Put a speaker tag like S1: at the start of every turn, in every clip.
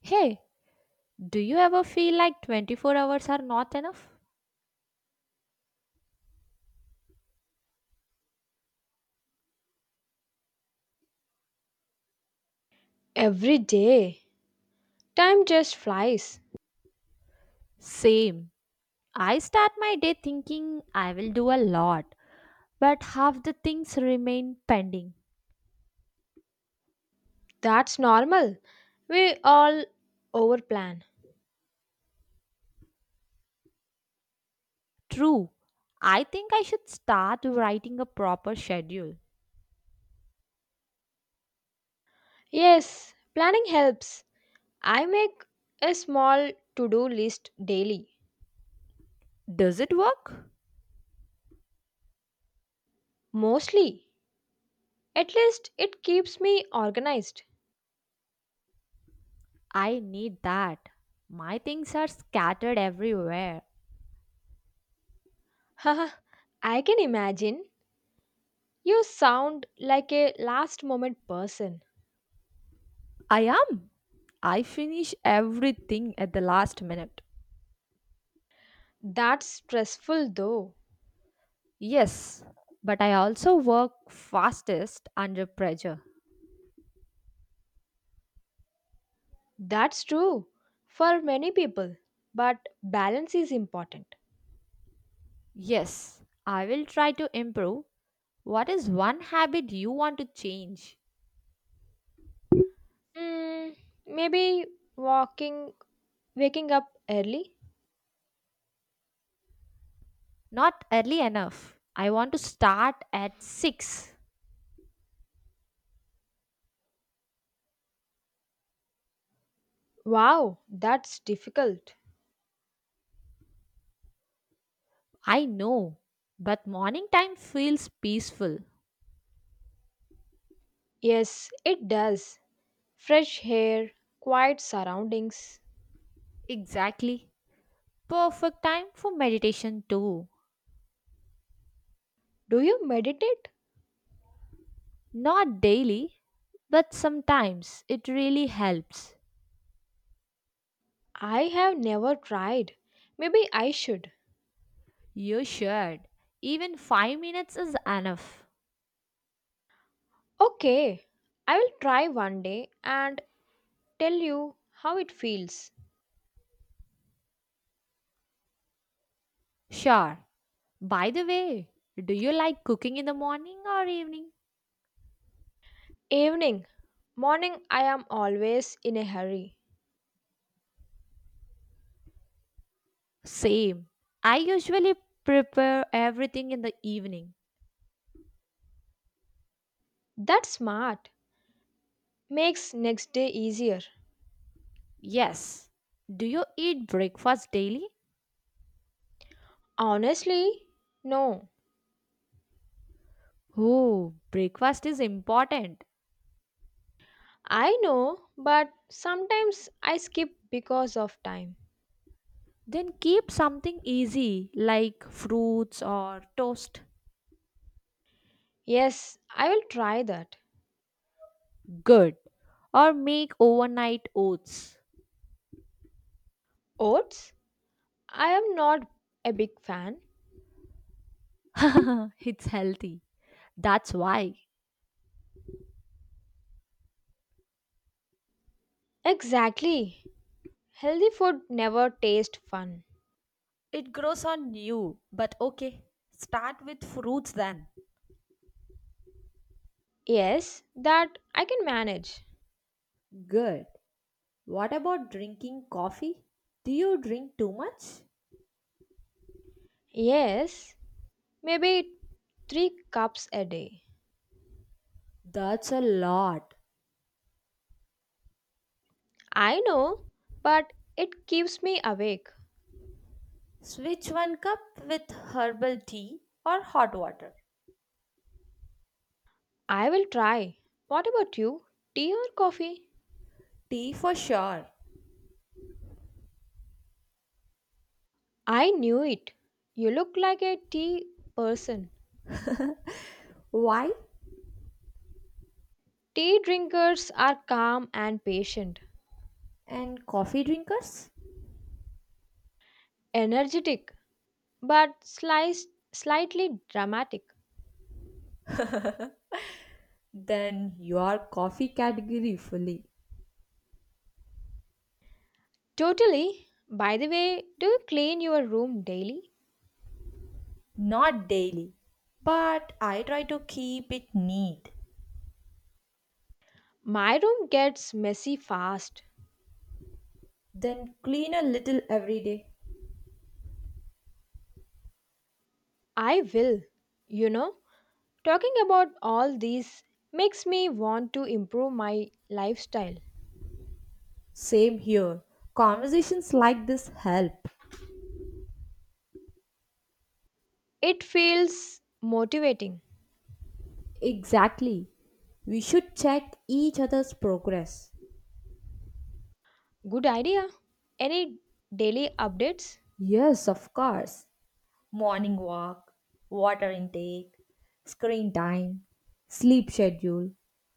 S1: Hey, do you ever feel like 24 hours are not enough?
S2: Every day. Time just flies.
S1: Same. I start my day thinking I will do a lot, but half the things remain pending.
S2: That's normal. We all overplan.
S1: True. I think I should start writing a proper schedule.
S2: Yes, planning helps. I make a small to do list daily.
S1: Does it work?
S2: Mostly. At least it keeps me organized.
S1: I need that. My things are scattered everywhere.
S2: Haha, I can imagine. You sound like a last moment person.
S1: I am. I finish everything at the last minute.
S2: That's stressful though.
S1: Yes, but I also work fastest under pressure.
S2: That's true for many people. But balance is important.
S1: Yes, I will try to improve. What is one habit you want to change?
S2: Mm, maybe walking, waking up early.
S1: Not early enough. I want to start at 6.
S2: Wow, that's difficult.
S1: I know, but morning time feels peaceful.
S2: Yes, it does. Fresh air, quiet surroundings.
S1: Exactly. Perfect time for meditation too.
S2: Do you meditate?
S1: Not daily, but sometimes it really helps.
S2: I have never tried. Maybe I should.
S1: You should. Even 5 minutes is enough.
S2: Okay, I will try one day and tell you how it feels.
S1: Sure. By the way, do you like cooking in the morning or evening?
S2: Evening, morning, I am always in a hurry.
S1: Same. I usually prepare everything in the evening.
S2: That's smart. Makes next day easier.
S1: Yes. Do you eat breakfast daily?
S2: Honestly, no.
S1: Oh, breakfast is important.
S2: I know, but sometimes I skip because of time.
S1: Then keep something easy like fruits or toast.
S2: Yes, I will try that.
S1: Good. Or make overnight oats.
S2: Oats? I am not a big fan.
S1: It's healthy. That's why.
S2: Exactly. Healthy food never tastes fun.
S1: It grows on you, but okay. Start with fruits then.
S2: Yes, that I can manage.
S1: Good. What about drinking coffee? Do you drink too much?
S2: Yes, maybe 3 cups a day.
S1: That's a lot.
S2: I know, but it keeps me awake.
S1: Switch one cup with herbal tea or hot water.
S2: I will try. What about you? Tea or coffee?
S1: Tea for sure.
S2: I knew it. You look like a tea person.
S1: Why?
S2: Tea drinkers are calm and patient,
S1: And coffee drinkers?
S2: energetic, but sliced, slightly dramatic.
S1: Then you are coffee category fully.
S2: Totally. By the way, do you clean your room daily?
S1: Not daily, but I try to keep it neat.
S2: My room gets messy fast.
S1: Then clean a little every day.
S2: I will. You know, talking about all these makes me want to improve my lifestyle.
S1: Same here. Conversations like this help.
S2: It feels motivating.
S1: Exactly. We should check each other's progress.
S2: Good idea. Any daily updates?
S1: Yes, of course. Morning walk, water intake, screen time, sleep schedule,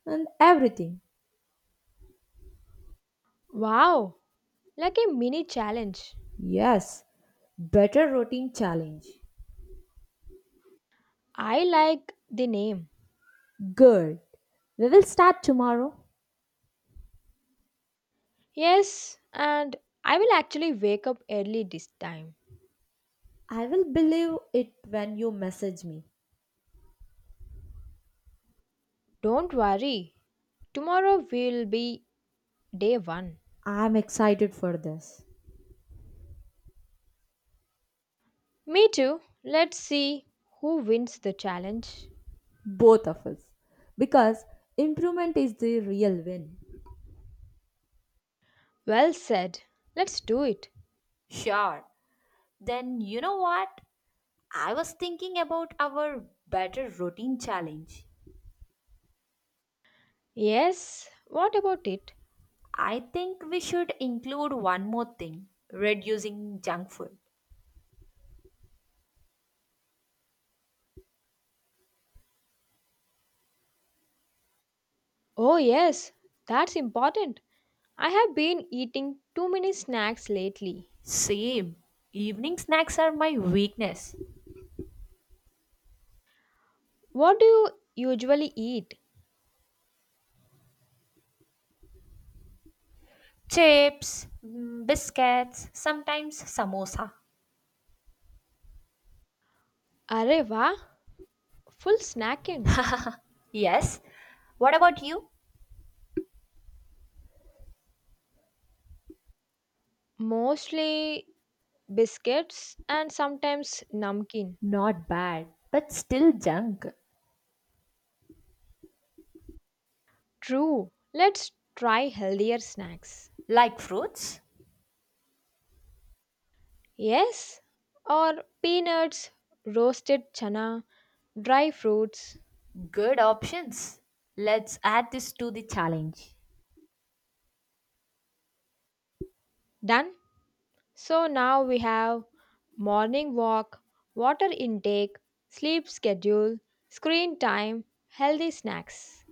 S1: and everything.
S2: Wow, like a mini challenge.
S1: Yes, better routine challenge.
S2: I like the name.
S1: Good. We will start tomorrow.
S2: Yes, and I will actually wake up early this time.
S1: I will believe it when you message me.
S2: Don't worry. Tomorrow will be day 1.
S1: I'm excited for this.
S2: Me too. Let's see who wins the challenge.
S1: Both of us. Because improvement is the real win.
S2: Well said. Let's do it.
S1: Sure. Then you know what? I was thinking about our better routine challenge.
S2: Yes, what about it?
S1: I think we should include one more thing reducing junk food.
S2: Oh, yes, that's important. I have been eating too many snacks lately.
S1: Same. Evening snacks are my weakness.
S2: What do you usually eat?
S1: Chips, biscuits, sometimes samosa.
S2: Areva, full snacking.
S1: Yes. What about you?
S2: Mostly biscuits, and sometimes namkeen.
S1: Not bad, but still junk.
S2: True, let's try healthier snacks.
S1: Like fruits?
S2: Yes, or peanuts, roasted chana, dry fruits.
S1: Good options. Let's add this to the challenge.
S2: Done. So now we have morning walk, water intake, sleep schedule, screen time, healthy snacks.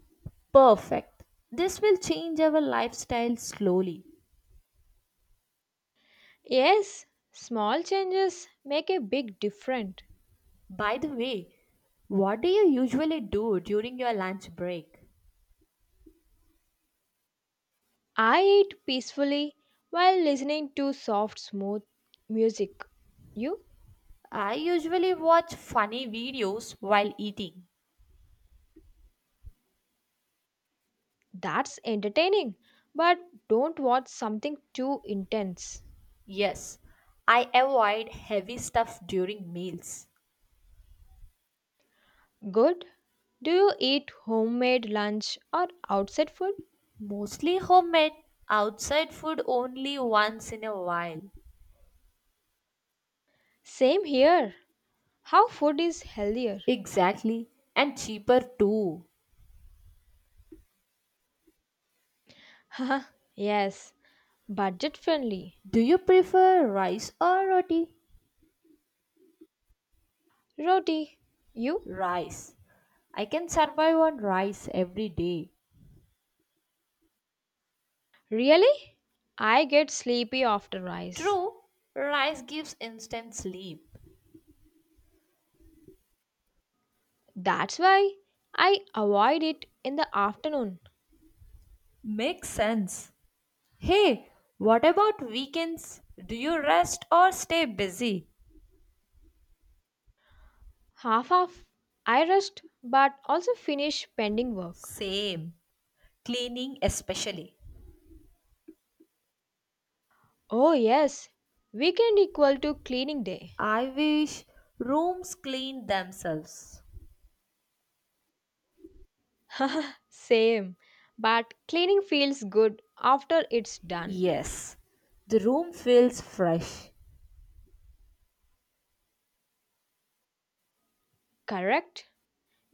S1: Perfect. This will change our lifestyle slowly.
S2: Yes, small changes make a big difference.
S1: By the way, what do you usually do during your lunch break?
S2: I eat peacefully while listening to soft, smooth music. You?
S1: I usually watch funny videos while eating.
S2: That's entertaining. But don't watch something too intense.
S1: Yes, I avoid heavy stuff during meals.
S2: Good. Do you eat homemade lunch or outside food?
S1: Mostly homemade, outside food only once in a while.
S2: Same here. How food is healthier?
S1: Exactly, and cheaper too.
S2: Haha, yes, budget friendly.
S1: Do you prefer rice or roti?
S2: Roti. You?
S1: Rice. I can survive on rice every day.
S2: Really? I get sleepy after rice.
S1: True, rice gives instant sleep.
S2: That's why I avoid it in the afternoon.
S1: Makes sense. Hey, what about weekends? Do you rest or stay busy?
S2: Half of I rest but also finish pending work.
S1: Same. Cleaning, especially.
S2: Oh yes, weekend equal to cleaning day.
S1: I wish rooms clean themselves.
S2: Same, but cleaning feels good after it's done.
S1: Yes, the room feels fresh.
S2: Correct?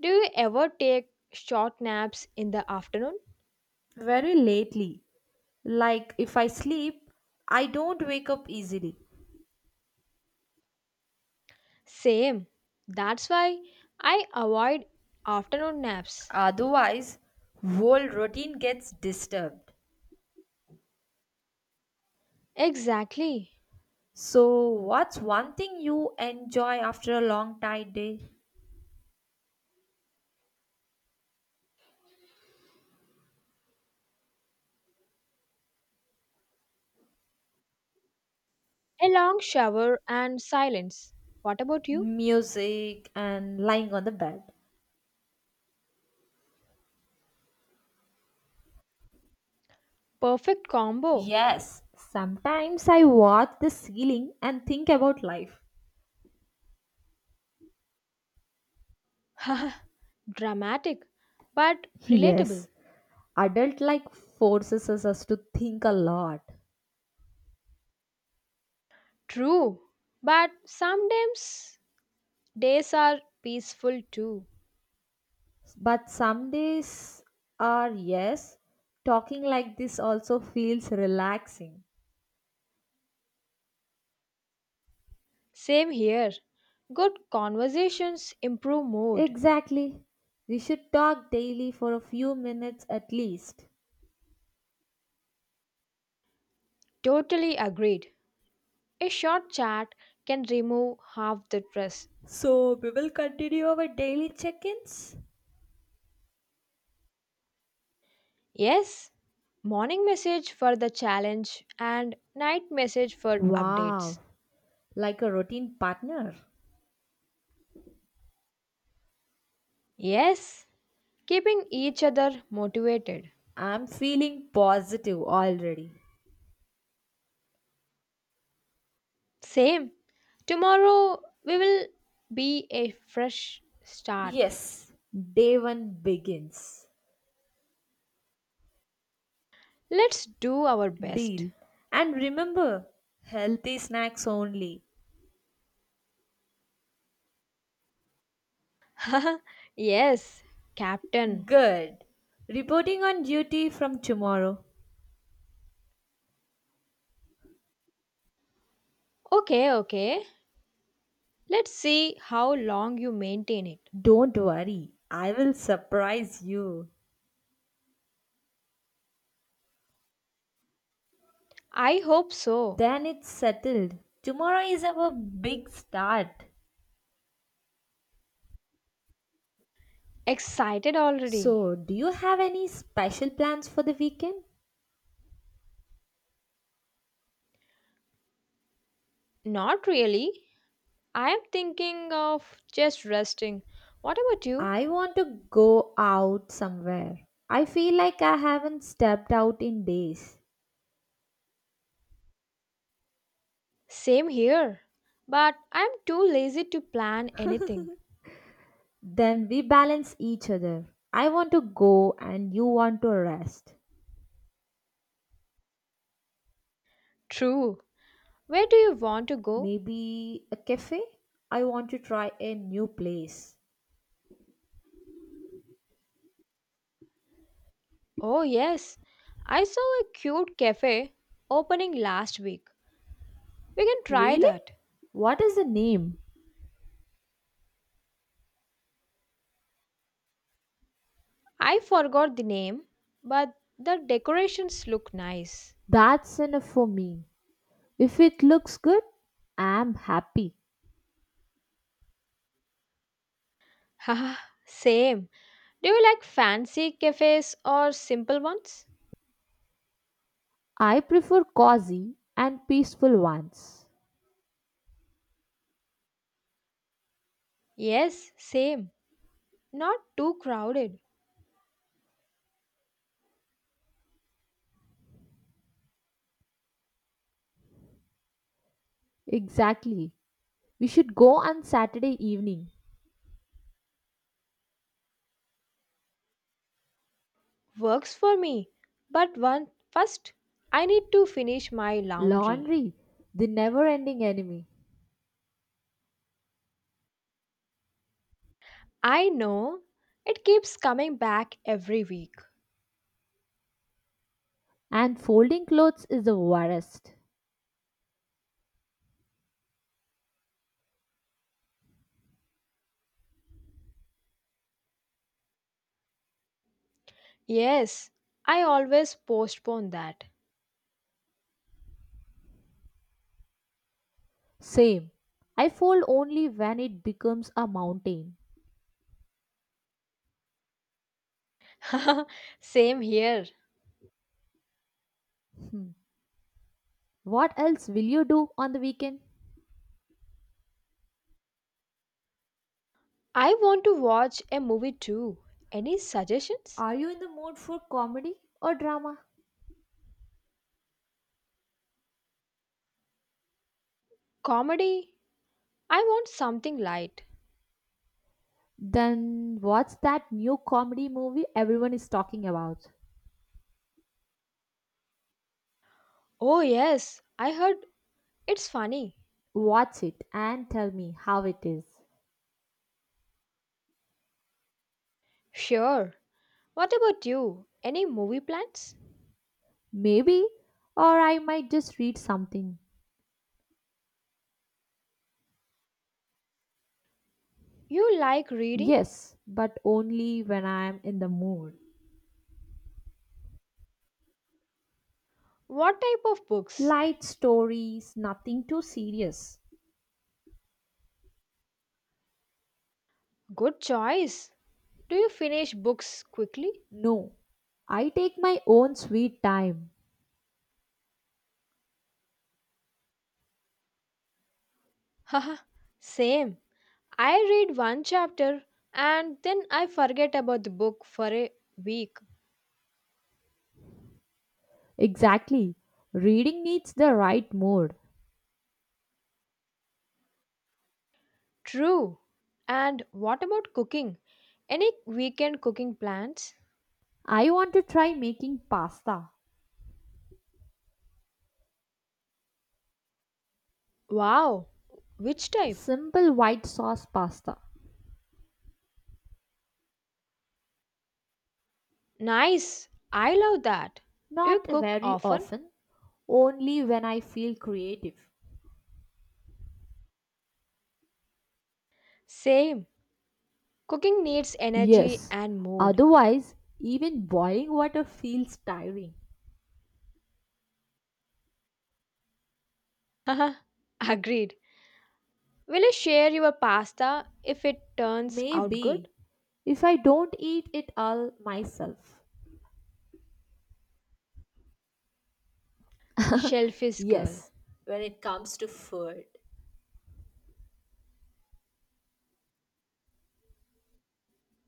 S2: Do you ever take short naps in the afternoon?
S1: Very lately. Like if I sleep, I don't wake up easily.
S2: Same. That's why I avoid afternoon naps.
S1: Otherwise, whole routine gets disturbed.
S2: Exactly.
S1: So, what's one thing you enjoy after a long tired day?
S2: A long shower and silence. What about you?
S1: Music, and lying on the bed.
S2: Perfect combo.
S1: Yes, sometimes I watch the ceiling and think about life.
S2: Haha, dramatic but relatable.
S1: Yes, adult life forces us to think a lot.
S2: True, but sometimes days are peaceful too.
S1: But some days are yes, talking like this also feels relaxing.
S2: Same here. Good conversations improve mood.
S1: Exactly. We should talk daily for a few minutes at least.
S2: Totally agreed. A short chat can remove half the stress.
S1: So, we will continue our daily check ins?
S2: Yes, morning message for the challenge and night message for updates.
S1: Wow, like a routine partner.
S2: Yes, keeping each other motivated.
S1: I'm feeling positive already.
S2: Same. Tomorrow we will be a fresh start.
S1: Yes, day one begins.
S2: Let's do our best.
S1: Deal. And remember, healthy snacks only.
S2: yes, Captain.
S1: Good. Reporting on duty from tomorrow.
S2: Okay, okay. Let's see how long you maintain it.
S1: Don't worry, I will surprise you.
S2: I hope so.
S1: Then it's settled. Tomorrow is our big start.
S2: Excited already?
S1: So, do you have any special plans for the weekend?
S2: Not really. I am thinking of just resting. What about you?
S1: I want to go out somewhere. I feel like I haven't stepped out in days.
S2: Same here. But I am too lazy to plan anything.
S1: Then we balance each other. I want to go and you want to rest.
S2: True. Where do you want to go?
S1: Maybe a cafe? I want to try a new place.
S2: Oh, yes. I saw a cute cafe opening last week. We can try
S1: Really?
S2: that.
S1: What is the name?
S2: I forgot the name, but the decorations look nice.
S1: That's enough for me. If it looks good, I'm happy.
S2: Haha, same. Do you like fancy cafes or simple ones?
S1: I prefer cozy and peaceful ones.
S2: Yes, same. Not too crowded.
S1: Exactly. We should go on Saturday evening.
S2: Works for me. But one first, I need to finish my laundry.
S1: Laundry, the never ending enemy.
S2: I know it keeps coming back every week.
S1: And folding clothes is the worst.
S2: Yes, I always postpone that.
S1: Same. I fold only when it becomes a mountain.
S2: Same here.
S1: What else will you do on the weekend?
S2: I want to watch a movie too. Any suggestions?
S1: Are you in the mood for comedy or drama?
S2: Comedy? I want something light.
S1: Then what's that new comedy movie everyone is talking about?
S2: Oh, yes, I heard it's funny.
S1: Watch it and tell me how it is.
S2: Sure. What about you? Any movie plans?
S1: Maybe, or I might just read something.
S2: You like reading?
S1: Yes, but only when I am in the mood.
S2: What type of books?
S1: Light stories, nothing too serious.
S2: Good choice. Do you finish books quickly?
S1: No, I take my own sweet time.
S2: Haha, same. I read one chapter and then I forget about the book for a week.
S1: Exactly. Reading needs the right mood.
S2: True. And what about cooking? Any weekend cooking plans?
S1: I want to try making pasta.
S2: Wow. Which type?
S1: Simple white sauce pasta.
S2: Nice. I love that. Do you
S1: Not
S2: cook
S1: very
S2: often?
S1: often, only when I feel creative.
S2: Same. Cooking needs energy
S1: Yes,
S2: and mood.
S1: otherwise, even boiling water feels tiring.
S2: Haha. Agreed. Will you share your pasta if it turns out good?
S1: Maybe if I don't eat it all myself.
S2: Shellfish girl.
S1: Yes, when it comes to food.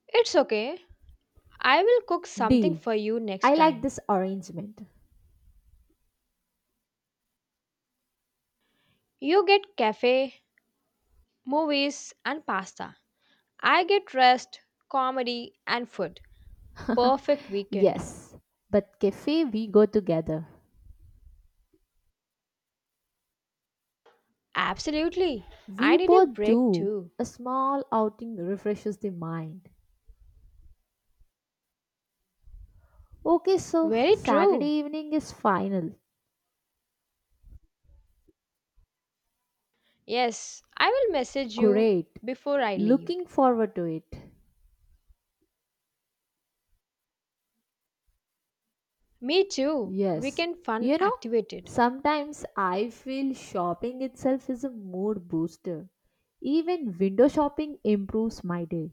S2: It's okay. I will cook something
S1: Deal.
S2: for you
S1: I
S2: next
S1: like
S2: time.
S1: this arrangement.
S2: You get cafe, movies, and pasta. I get rest, comedy, and food. Perfect weekend.
S1: Yes, but cafe we go together.
S2: Absolutely. I
S1: We
S2: need a
S1: both
S2: break
S1: do.
S2: too.
S1: A small outing refreshes the mind. Okay, so
S2: Very
S1: Saturday
S2: true.
S1: evening is final.
S2: Yes, I will message you
S1: Great.
S2: before I leave.
S1: Looking forward to it.
S2: Me too.
S1: Yes.
S2: Weekend fun
S1: You know,
S2: activated.
S1: sometimes I feel shopping itself is a mood booster. Even window shopping improves my day.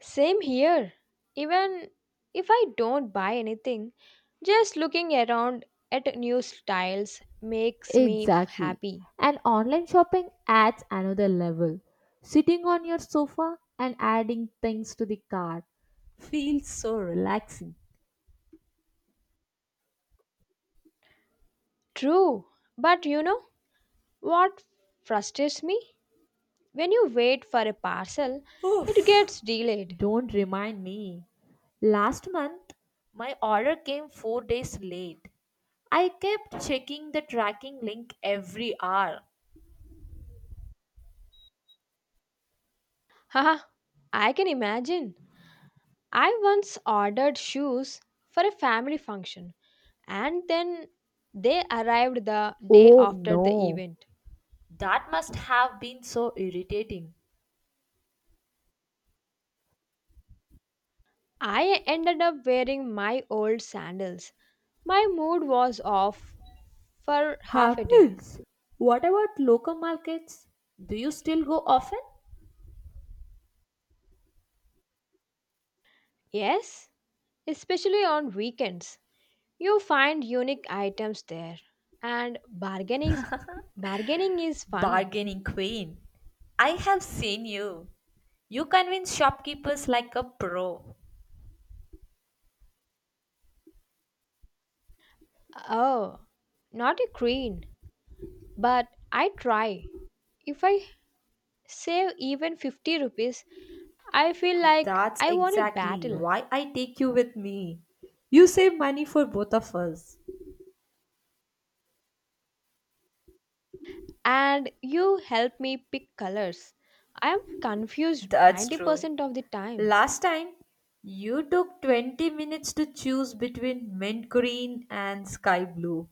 S2: Same here. Even if I don't buy anything, just looking around at new styles
S1: Exactly.
S2: happy.
S1: And online shopping adds another level. Sitting on your sofa and adding things to the cart feels so relaxing.
S2: True, but you know, what frustrates me? When you wait for a parcel, it
S1: Oof.
S2: gets delayed.
S1: Don't remind me. Last month, my order came 4 days late. I kept checking the tracking link every hour.
S2: Haha, I can imagine. I once ordered shoes for a family function and then they arrived the day
S1: Oh
S2: after the
S1: no.
S2: event.
S1: That must have been so irritating.
S2: I ended up wearing my old sandals. My mood was off for half a day.
S1: Happens. What about local markets? Do you still go often?
S2: Yes, especially on weekends. You find unique items there, and bargaining is fun.
S1: Bargaining queen. I have seen you. You convince shopkeepers like a pro.
S2: Oh, not a queen, but I try. If I save even 50 rupees, I feel like
S1: That's
S2: I won a
S1: exactly
S2: battle.
S1: why I take you with me. You save money for both of us.
S2: And you help me pick colors. I am confused
S1: That's true.
S2: 90% of the time.
S1: Last time, you took 20 minutes to choose between mint green and sky blue.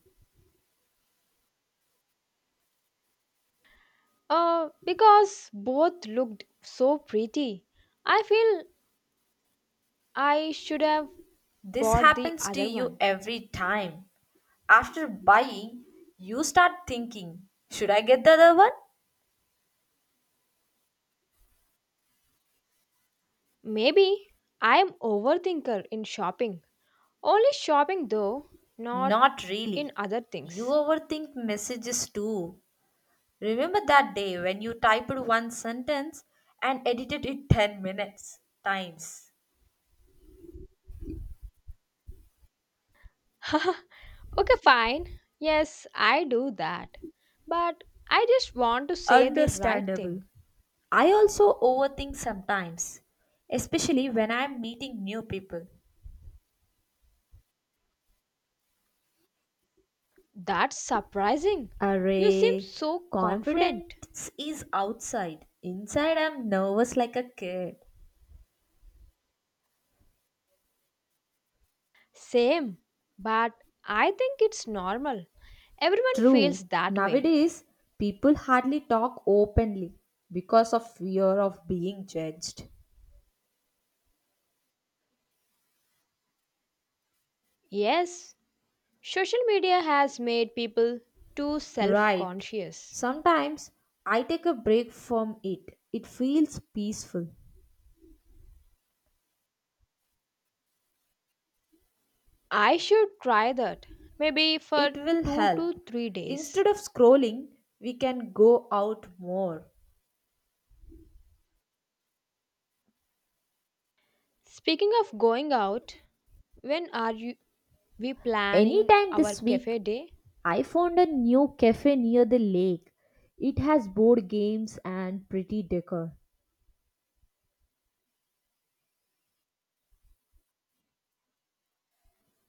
S2: Because both looked so pretty. I feel I should have
S1: This
S2: bought the
S1: happens to
S2: other one.
S1: you every time. After buying, you start thinking, should I get the other one?
S2: Maybe I am overthinker in shopping. Only shopping though, not
S1: Not
S2: in
S1: really.
S2: other
S1: You
S2: things.
S1: overthink messages too. Remember that day when you typed one sentence and edited it 10 minutes times?
S2: Okay, fine. Yes, I do that. But I just want to say the right thing.
S1: Understandable. I also overthink sometimes, especially when I'm meeting new people.
S2: That's surprising. You seem
S1: Array,
S2: so confident.
S1: confidence is outside. Inside, I'm nervous like a kid.
S2: Same, but I think it's normal. Everyone feels
S1: True.
S2: that way.
S1: Nowadays, people hardly talk openly because of fear of being judged.
S2: Yes, social media has made people too self
S1: Right.
S2: conscious.
S1: Sometimes I take a break from it. It feels peaceful.
S2: I should try that. Maybe for
S1: It will
S2: 2 to
S1: help.
S2: 3 days.
S1: Instead of scrolling, we can go out more.
S2: Speaking of going out, when are you we planning
S1: Anytime
S2: our
S1: this week,
S2: cafe day?
S1: I found a new cafe near the lake. It has board games and pretty decor.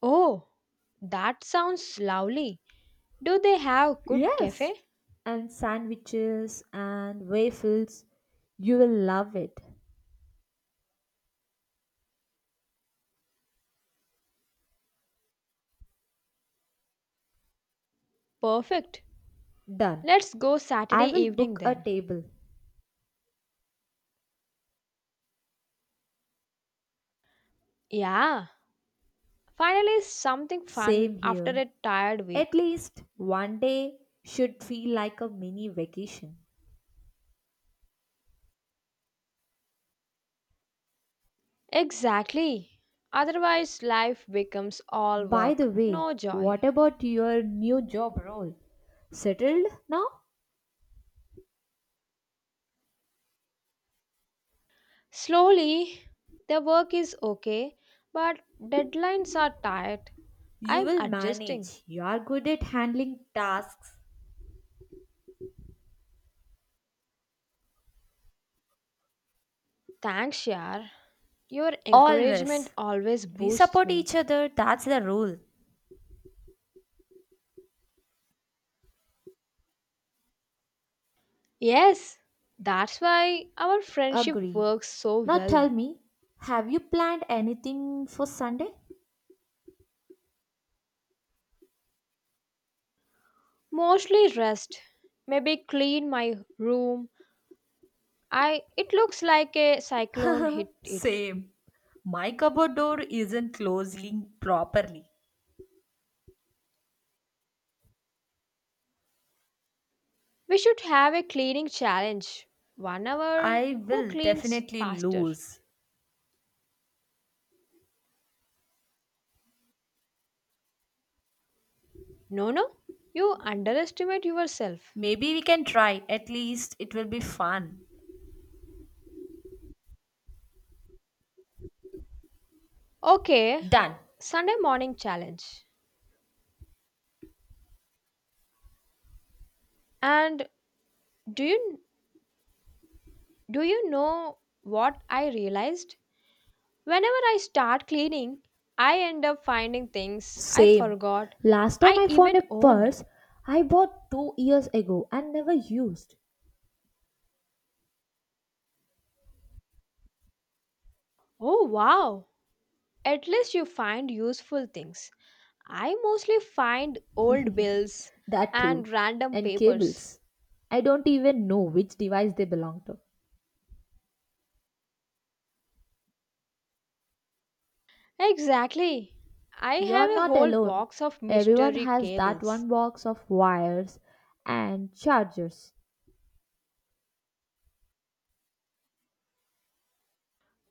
S2: Oh, that sounds lovely. Do they have good cafe?
S1: Yes, and sandwiches and waffles. You will love it.
S2: Perfect.
S1: Done.
S2: Let's go
S1: I
S2: Saturday
S1: will
S2: evening
S1: book a
S2: then.
S1: table.
S2: Yeah, finally something fun
S1: Same
S2: after a
S1: here.
S2: tired week.
S1: At least one day should feel like a mini vacation.
S2: Exactly. Otherwise life becomes all
S1: By
S2: work,
S1: the way,
S2: no joy.
S1: what about your new job role? Settled now?
S2: Slowly, the work is okay, but deadlines are tight.
S1: You
S2: I'm
S1: will
S2: adjusting.
S1: manage. You are good at handling tasks.
S2: Thanks, Yar. Your encouragement
S1: Always.
S2: always
S1: We
S2: boosts
S1: support
S2: me.
S1: each other, that's the rule.
S2: Yes, that's why our friendship
S1: Agreed.
S2: works so
S1: Now
S2: well.
S1: tell me, have you planned anything for Sunday?
S2: Mostly rest. Maybe clean my room. I It looks like a cyclone hit it.
S1: Same. My cupboard door isn't closing properly.
S2: We should have a cleaning challenge. 1 hour
S1: I
S2: who
S1: will
S2: cleans
S1: definitely
S2: faster?
S1: lose.
S2: No no, you underestimate yourself.
S1: Maybe we can try. At least it will be fun.
S2: Okay,
S1: Done.
S2: Sunday morning challenge. And do you do you know what I realized? Whenever I start cleaning, I end up finding things I
S1: Same.
S2: forgot
S1: Last time
S2: I
S1: I found
S2: even
S1: a
S2: owned.
S1: purse I bought 2 years ago and never used.
S2: Oh wow. At least you find useful things. I mostly find old bills
S1: That
S2: and
S1: too.
S2: random
S1: And
S2: papers.
S1: cables. I don't even know which device they belong to.
S2: Exactly. I have
S1: You're
S2: a
S1: not
S2: whole
S1: alone.
S2: box of
S1: Everyone
S2: mystery
S1: has that
S2: cables.
S1: one box of wires and chargers.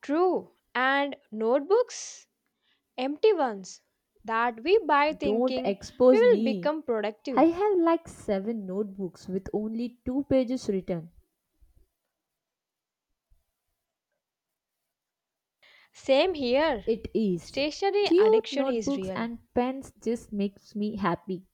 S2: True. And notebooks? Empty ones that we buy
S1: Don't
S2: thinking we
S1: expose
S2: will
S1: me.
S2: become productive.
S1: I have like seven notebooks with only two pages written.
S2: Same here.
S1: It is.
S2: Stationary
S1: Cute
S2: addiction is
S1: notebooks
S2: real.
S1: and pens just makes me happy.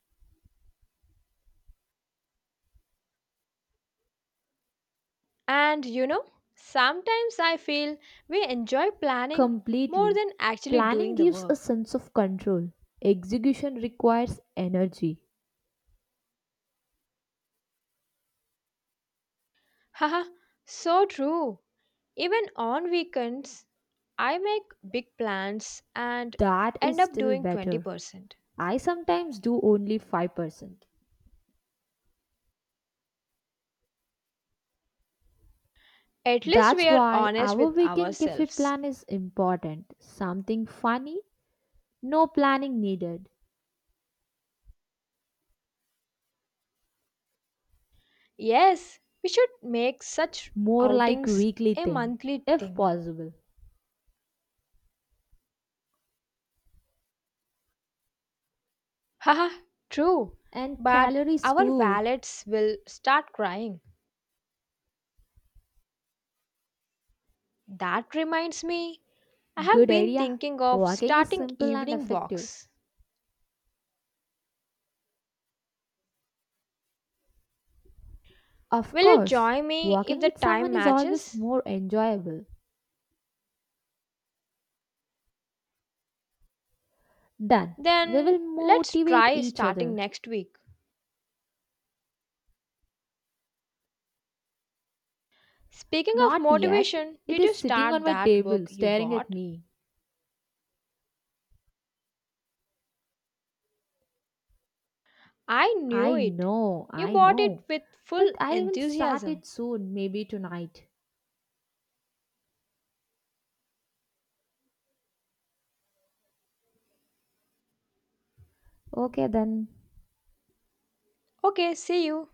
S2: And you know, sometimes I feel we enjoy planning more
S1: Completely.
S2: than actually
S1: Planning
S2: doing the
S1: gives a
S2: work.
S1: sense of control. Execution requires energy.
S2: Haha, so true. Even on weekends, I make big plans and
S1: That
S2: end
S1: is
S2: up
S1: still
S2: doing
S1: better.
S2: 20%.
S1: I sometimes do only 5%.
S2: At least we
S1: That's
S2: are
S1: why
S2: honest
S1: our
S2: with
S1: weekend cafe
S2: ourselves.
S1: plan is important. Something funny, no planning needed.
S2: Yes, we should make such
S1: More like
S2: outings
S1: weekly
S2: a
S1: thing,
S2: monthly
S1: if
S2: thing.
S1: possible.
S2: Haha, true.
S1: And
S2: But
S1: calories
S2: our
S1: too.
S2: valets will start crying. That reminds me, I have
S1: Good
S2: been
S1: idea.
S2: thinking of
S1: Walking is
S2: starting
S1: simple and
S2: evening
S1: effective.
S2: walks.
S1: Of
S2: Will you
S1: course,
S2: join me if
S1: walking
S2: the
S1: with
S2: time
S1: someone is always
S2: matches?
S1: more enjoyable. Done. We
S2: Then
S1: will
S2: let's
S1: motivate
S2: try
S1: each
S2: starting
S1: other.
S2: next week. Speaking of
S1: Not yet.
S2: motivation,
S1: It
S2: did
S1: is
S2: you
S1: sitting
S2: start
S1: on my
S2: that book
S1: table
S2: you
S1: staring at
S2: bought?
S1: me.
S2: I knew
S1: I
S2: it.
S1: know,
S2: You
S1: I
S2: bought it
S1: know.
S2: with
S1: But
S2: full
S1: I will start
S2: enthusiasm.
S1: it soon, maybe tonight. Okay then.
S2: Okay, see you.